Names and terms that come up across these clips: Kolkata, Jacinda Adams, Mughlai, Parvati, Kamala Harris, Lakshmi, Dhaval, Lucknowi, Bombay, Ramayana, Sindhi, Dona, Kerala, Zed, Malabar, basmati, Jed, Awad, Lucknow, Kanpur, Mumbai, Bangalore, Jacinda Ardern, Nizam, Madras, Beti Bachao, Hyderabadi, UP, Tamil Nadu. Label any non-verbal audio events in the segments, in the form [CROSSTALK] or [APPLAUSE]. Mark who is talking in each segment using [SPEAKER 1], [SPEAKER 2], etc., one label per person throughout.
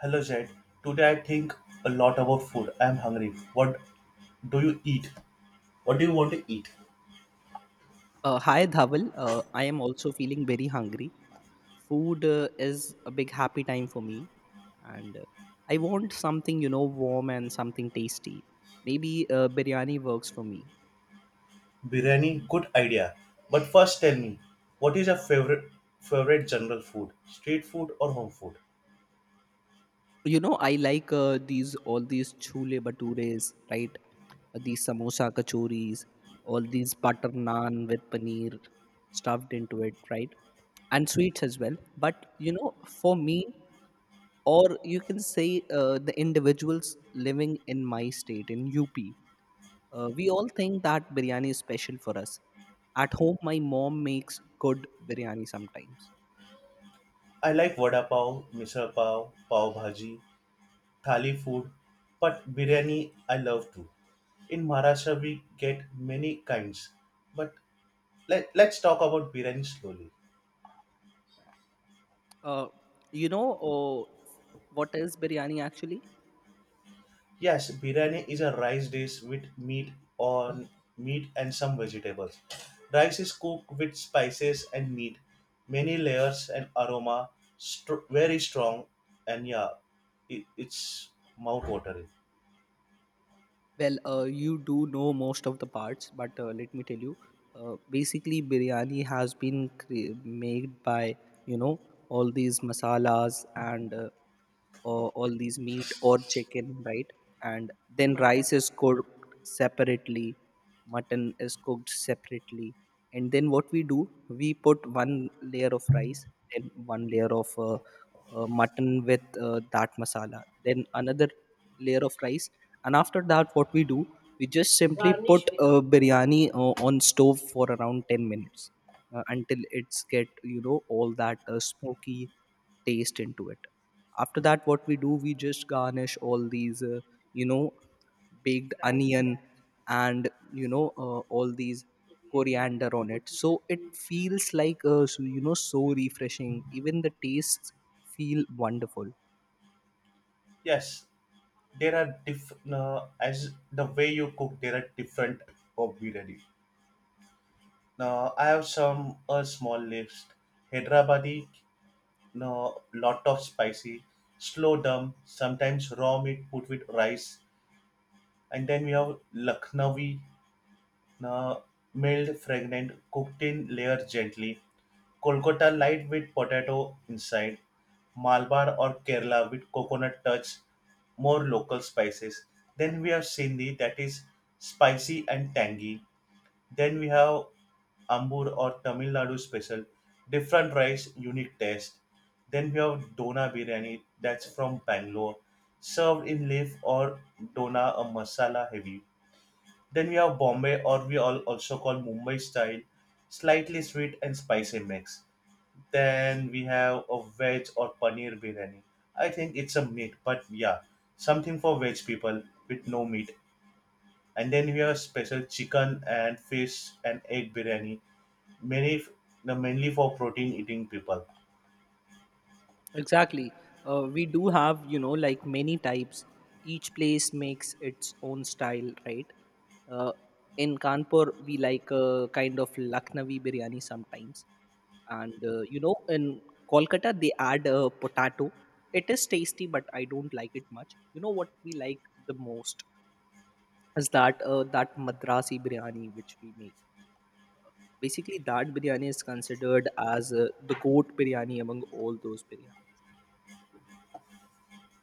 [SPEAKER 1] Hello Jed. Today I think a lot about food. I am hungry. What do you eat? What do you want to eat?
[SPEAKER 2] Hi Dhaval, I am also feeling very hungry. Food is a big happy time for me, and I want something warm and something tasty. Maybe biryani works for me.
[SPEAKER 1] Biryani, good idea. But first tell me, what is your favorite general food? Street food or home food?
[SPEAKER 2] I like these all these chule bhatures, right? These samosa kachoris, all these butter naan with paneer stuffed into it, right? And sweets as well. But for me, or you can say the individuals living in my state, in UP, we all think that biryani is special for us. At home, my mom makes good biryani sometimes.
[SPEAKER 1] I like vada pav, misal pav, pav bhaji, thali food, but biryani I love too. In Maharashtra we get many kinds. But let's talk about biryani slowly.
[SPEAKER 2] Uh, you know uh, what is biryani actually?
[SPEAKER 1] Yes, biryani is a rice dish with on meat and some vegetables. Rice is cooked with spices and meat, many layers and aroma, very strong, and yeah, it's mouth watering.
[SPEAKER 2] Well, you do know most of the parts, but let me tell you. Basically, biryani has been made by you know all these masalas and all these meat or chicken, right? And then rice is cooked separately, mutton is cooked separately, and then what we do, we put one layer of rice, then one layer of mutton with that masala, then another layer of rice. And after that what we do, we just simply put biryani on stove for around 10 minutes until it's get all that smoky taste into it. After that what we do, we just garnish all these you know baked onion and all these coriander on it, so it feels like so, so refreshing, even the tastes feel wonderful.
[SPEAKER 1] Yes, there are different, as the way you cook. There are different of biryani. Now I have some a small list. Hyderabadi, no, lot of spicy, slow dum, sometimes raw meat put with rice. And then we have Lucknowi, uh, milled fragrant, cooked in layers gently. Kolkata light with potato inside. Malabar or Kerala with coconut touch, more local spices. Then we have Sindhi that is spicy and tangy. Then we have Ambur or Tamil Nadu special, different rice, unique taste. Then we have Dona biryani that's from Bangalore, served in leaf or dona, a masala heavy. Then we have Bombay, or we all also call Mumbai style, slightly sweet and spicy mix. Then we have a veg or paneer biryani. I think it's a meat, but yeah, something for veg people with no meat. And then we have special chicken and fish and egg biryani, many f- no, mainly for protein eating people.
[SPEAKER 2] Exactly. We do have, like many types. Each place makes its own style, right? Uh, in Kanpur, we like a kind of Lucknowi biryani sometimes. And, in Kolkata, they add a potato. It is tasty, but I don't like it much. You know what we like the most is that Madrasi biryani which we make. Basically, that biryani is considered as the goat biryani among all those biryanis.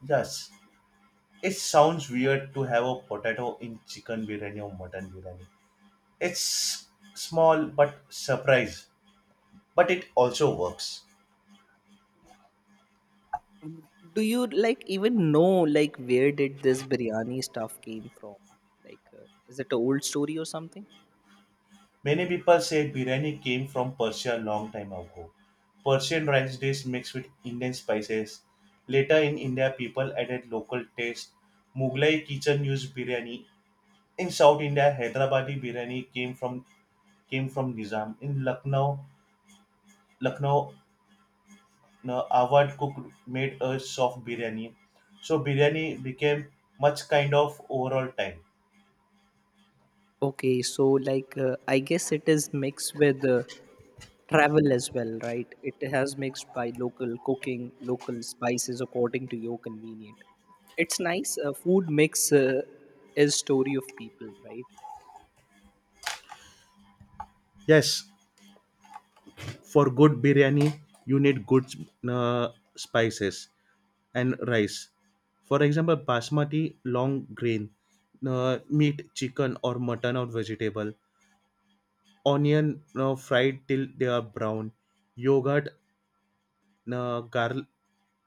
[SPEAKER 1] Yes, it sounds weird to have a potato in chicken biryani or mutton biryani. It's small but surprise, but it also works.
[SPEAKER 2] Do you like even know like where did this biryani stuff came from? Like, is it an old story or something?
[SPEAKER 1] Many people say biryani came from Persia a long time ago. Persian rice dish mixed with Indian spices. Later in India, people added local taste. Mughlai kitchen used biryani. In South India, Hyderabadi biryani came from Nizam. In Lucknow, no, Awad cook made a soft biryani. So biryani became much kind of overall time.
[SPEAKER 2] Okay, so like I guess it is mixed with travel as well, right? It has mixed by local cooking, local spices according to your convenient. It's nice. Food mix is story of people, right?
[SPEAKER 1] Yes, for good biryani, you need good uh, spices and rice. For example, basmati, long grain, meat, chicken or mutton or vegetable, onion fried till they are brown, yogurt, uh, gar-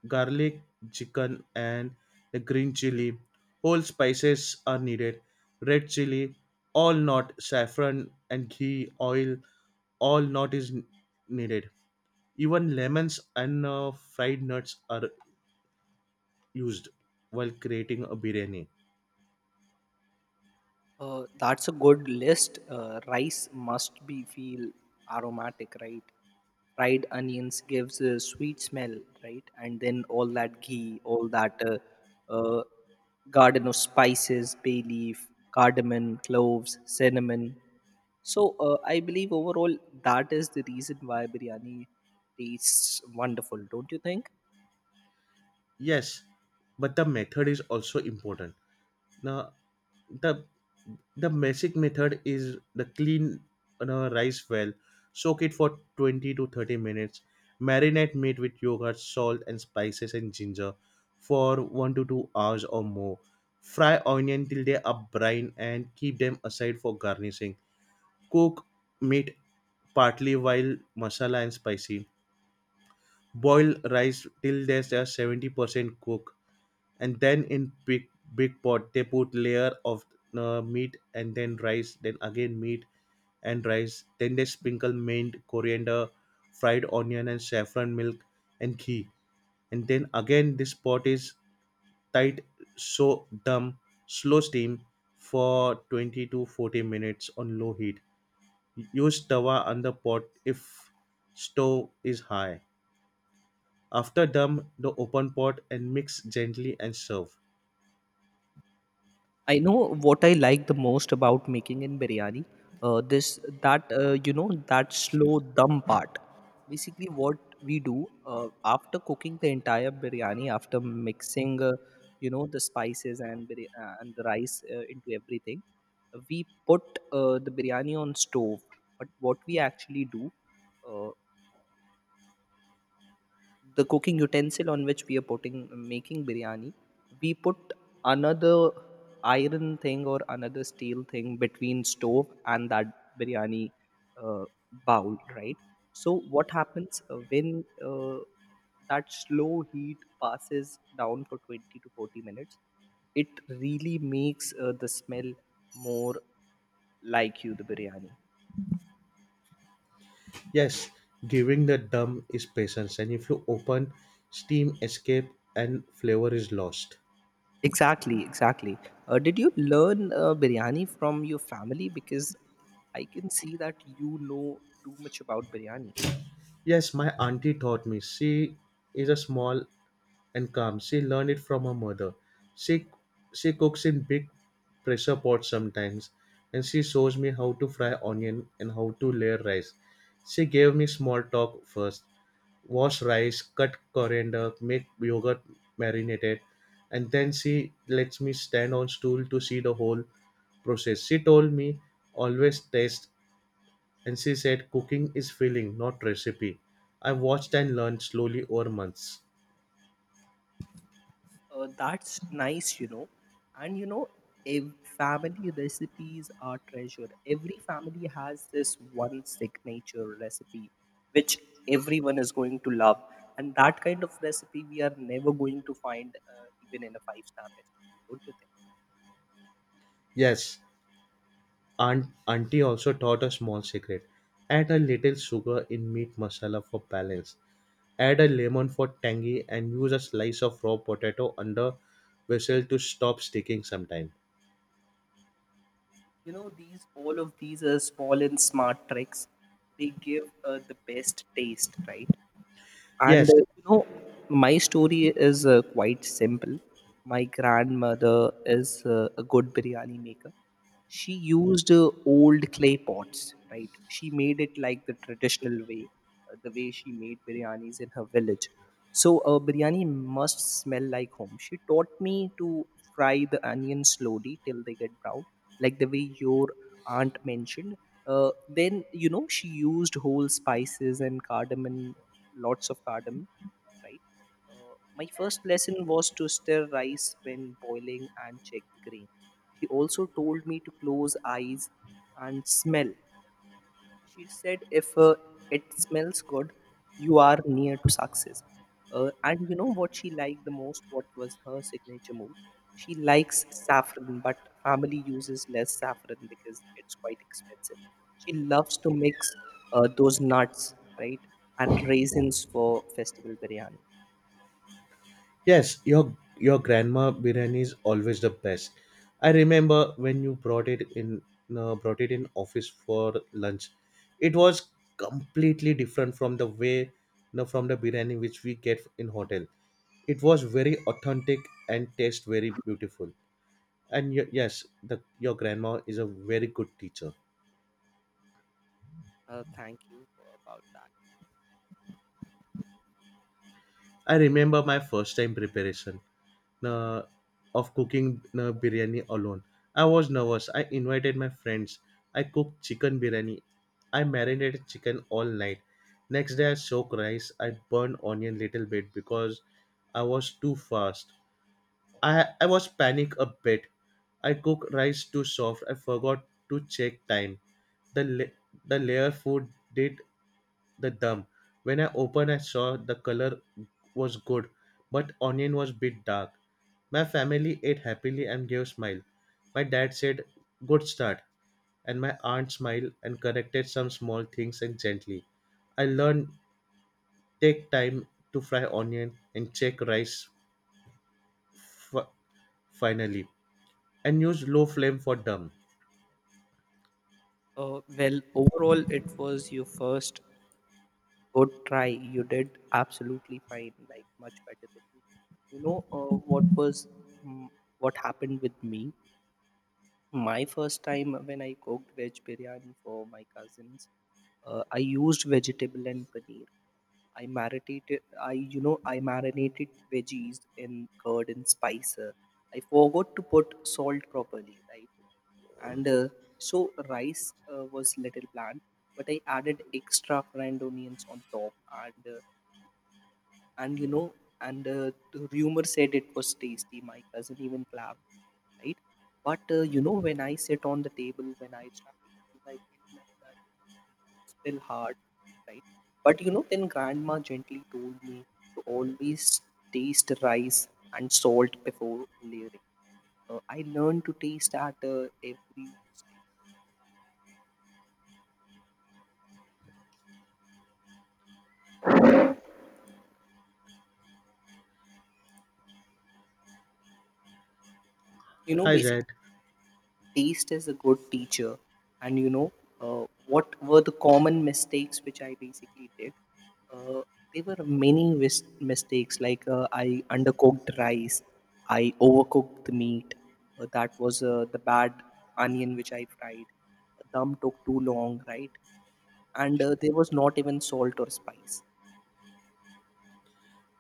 [SPEAKER 1] garlic, chicken and the green chili. Whole spices are needed. Red chili, all not saffron and ghee, oil, all not is needed. Even lemons and fried nuts are used while creating a biryani.
[SPEAKER 2] That's a good list. Rice must be feel aromatic, right? Fried onions gives a sweet smell, right? And then all that ghee, all that uh, garden of spices, bay leaf, cardamom, cloves, cinnamon. So I believe overall that is the reason why biryani tastes wonderful, don't you think?
[SPEAKER 1] Yes, but the method is also important. Now, the the basic method is the clean rice well, soak it for 20 to 30 minutes, marinate meat with yogurt, salt, and spices and ginger for 1 to 2 hours or more. Fry onion till they are brine and keep them aside for garnishing. Cook meat partly while masala and spicy. Boil rice till they are 70% cooked, and then in big pot they put layer of meat and then rice, then again meat and rice, then they sprinkle mint, coriander, fried onion and saffron milk and ghee, and then again this pot is tight, so dumb slow steam for 20 to 40 minutes on low heat, use tawa on the pot if stove is high. After dumb, the open pot and mix gently and serve.
[SPEAKER 2] I know what I like the most about making in biryani. This that you know that slow dum part. Basically, what we do after cooking the entire biryani, after mixing, the spices and and the rice into everything, we put the biryani on stove. But what we actually do, uh, the cooking utensil on which we are putting making biryani, we put another iron thing or another steel thing between stove and that biryani uh, bowl, right? So what happens when uh, that slow heat passes down for 20 to 40 minutes, it really makes the smell more like you the biryani.
[SPEAKER 1] Yes, giving the dumb is patience, and if you open, steam escape and flavor is lost.
[SPEAKER 2] Exactly, exactly. Did you learn biryani from your family? Because I can see that you know too much about biryani.
[SPEAKER 1] Yes, my auntie taught me. She is a small and calm. She learned it from her mother. She she cooks in big pressure pots sometimes, and she shows me how to fry onion and how to layer rice. She gave me small talk first, wash rice, cut coriander, make yogurt marinated, and then she lets me stand on stool to see the whole process. She told me always taste, and she said cooking is feeling, not recipe. I watched and learned slowly over months.
[SPEAKER 2] That's nice. And family recipes are treasure. Every family has this one signature recipe, which everyone is going to love. And that kind of recipe we are never going to find even in a five-star restaurant, don't you think?
[SPEAKER 1] Yes, auntie taught a small secret. Add sugar in meat masala for balance. Add a lemon for tangy and use a slice of raw potato under vessel to stop sticking sometime.
[SPEAKER 2] These all of these are small and smart tricks, they give the best taste, right, and
[SPEAKER 1] Yes,
[SPEAKER 2] my story is quite simple. My grandmother is a good biryani maker. She used old clay pots, right? She made it like the traditional way, the way she made biryanis in her village. So a biryani must smell like home. She taught me to fry the onions slowly till they get brown, like the way your aunt mentioned. Then she used whole spices and cardamom, lots of cardamom, right? My first lesson was to stir rice when boiling and check the grain. He also told me to close eyes and smell. She said, if it smells good, you are near to success. And you know what she liked the most? What was her signature move? She likes saffron, but family uses less saffron because it's quite expensive. She loves to mix those nuts, right, and raisins for festival biryani.
[SPEAKER 1] Yes, your grandma biryani is always the best. I remember when you brought it in office for lunch. It was completely different from the way you know, from the biryani which we get in hotel. It was very authentic and taste very beautiful. And yes, your grandma is a very good teacher.
[SPEAKER 2] Thank you about that.
[SPEAKER 1] I remember my first time preparation, uh, of cooking biryani alone. I was nervous. I invited my friends. I cooked chicken biryani. I marinated chicken all night. Next day I soaked rice. I burned onion little bit because I was too fast. I was panic a bit. I cooked rice too soft. I forgot to check time. The la- the layer food did the dumb. When I opened, I saw the color was good, but onion was bit dark. My family ate happily and gave smile. My dad said, "Good start." And my aunt smiled and corrected some small things and gently. I learned take time to fry onion and check rice f- finally and use low flame for dumb.
[SPEAKER 2] Well, overall, it was your first. Good try. You did absolutely fine, like much better than me. You know uh, what was mm, what happened with me? My first time when I cooked veg biryani for my cousins, I used vegetable and paneer. I marinated. I you know I marinated veggies in curd and spicer. I forgot to put salt properly, right? And so rice was little bland, but I added extra fried onions on top, and uh, and you know and the rumor said it was tasty. My cousin even clapped, right? But when I sit on the table, when I start eating, I think like that it's still hard, right? But then grandma gently told me to always taste rice and salt before layering. I learned to taste at every stage. you know
[SPEAKER 1] Hi
[SPEAKER 2] basically
[SPEAKER 1] Zed.
[SPEAKER 2] taste is a good teacher. And what were the common mistakes which I basically did? Uh, there were many mistakes, like I undercooked rice, I overcooked the meat. That was the bad onion which I fried. The dum took too long, right? And there was not even salt or spice.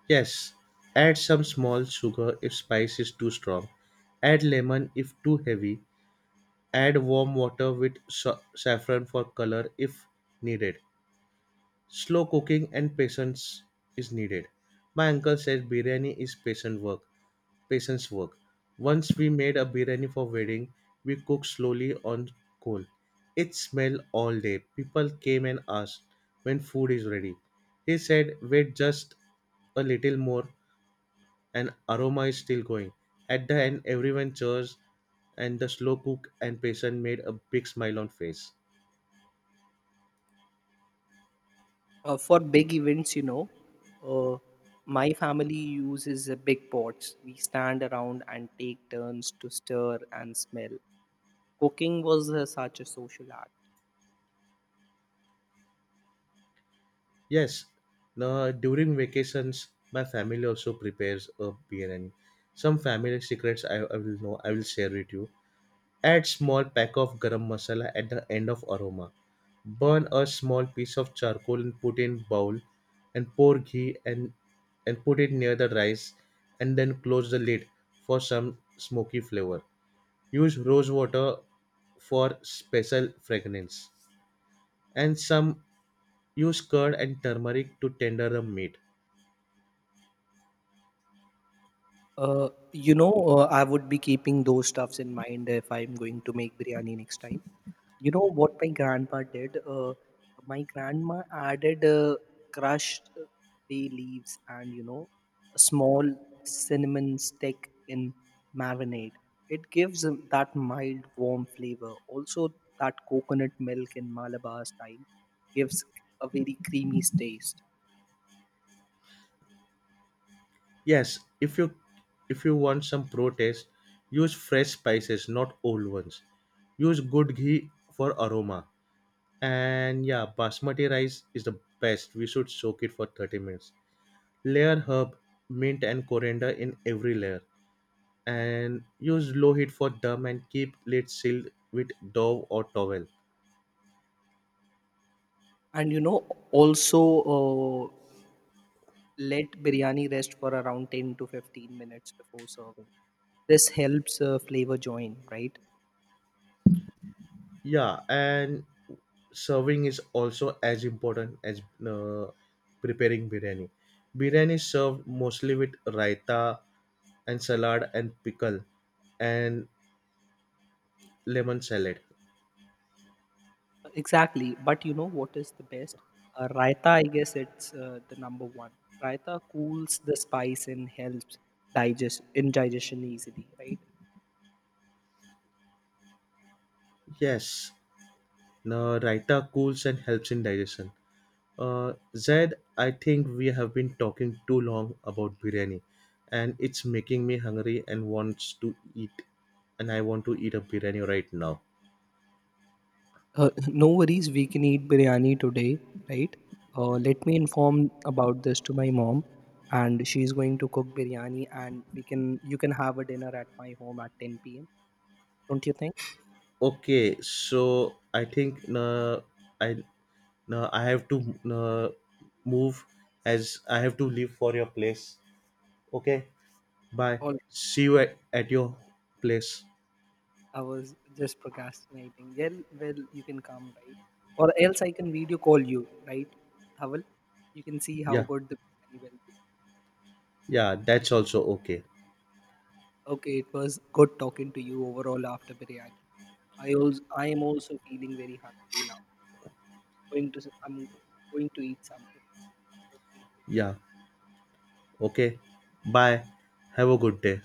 [SPEAKER 1] Yes. Add some small sugar if spice is too strong. Add lemon if too heavy. Add warm water with saffron color if needed. Slow cooking and patience is needed. My uncle says biryani is patient work. Patience work. Once we made a biryani for wedding, we cooked slowly on coal. It smelled all day. People came and asked when food is ready. He said, wait just a little more and aroma is still going. At the end, everyone cheers and the slow cook and patient made a big smile on face.
[SPEAKER 2] For big events, uh, my family uses big pots. We stand around and take turns to stir and smell. Cooking was such a social act.
[SPEAKER 1] Yes, now during vacations, my family also prepares a biryani. Some family secrets I will share with you. Add small pack of garam masala at the end of aroma. Burn a small piece of charcoal and put in bowl and pour ghee and put it near the rice and then close the lid for some smoky flavor. Use rose water for special fragrance, and some use curd and turmeric to tender the meat.
[SPEAKER 2] I would be keeping those stuffs in mind if I'm going to make biryani next time. You know what my grandpa did? My grandma added crushed bay leaves and a small cinnamon stick in marinade. It gives that mild, warm flavor. Also, that coconut milk in Malabar style gives a very creamy taste.
[SPEAKER 1] Yes, if you want some pro taste, use fresh spices, not old ones. Use good ghee for aroma. And yeah, basmati rice is the best. We should soak it for 30 minutes. Layer herb, mint and coriander in every layer. And use low heat for dum and keep lid sealed with dove or towel.
[SPEAKER 2] And also let biryani rest for around 10 to 15 minutes before serving. This helps flavor join, right?
[SPEAKER 1] Yeah, and serving is also as important as uh, preparing biryani. Biryani is served mostly with raita and salad and pickle and lemon salad.
[SPEAKER 2] Exactly. But you know what is the best? Raita, I guess it's the number one. Raita cools the spice and helps digest indigestion easily, right?
[SPEAKER 1] Yes, now raita cools and helps in digestion. Zed, I think we have been talking too long about biryani, and it's making me hungry and wants to eat. And I want to eat a biryani right now.
[SPEAKER 2] [LAUGHS] No worries, we can eat biryani today, right? Let me inform about this to my mom, and she's going to cook biryani, and we can you can have a dinner at my home at 10 p.m. Don't you think?
[SPEAKER 1] Okay, so I think I I have to uh, move as I have to leave for your place. Okay, bye.
[SPEAKER 2] All,
[SPEAKER 1] See you at your place.
[SPEAKER 2] I was just procrastinating. Well, you can come, right? Or else I can video call you, right, Havel? You can see how
[SPEAKER 1] Yeah.
[SPEAKER 2] good the biryani will be.
[SPEAKER 1] Yeah, that's also okay.
[SPEAKER 2] Okay, it was good talking to you overall after biryani. I am also feeling very hungry now. I'm going to eat something.
[SPEAKER 1] Yeah, okay. Bye. Have a good day.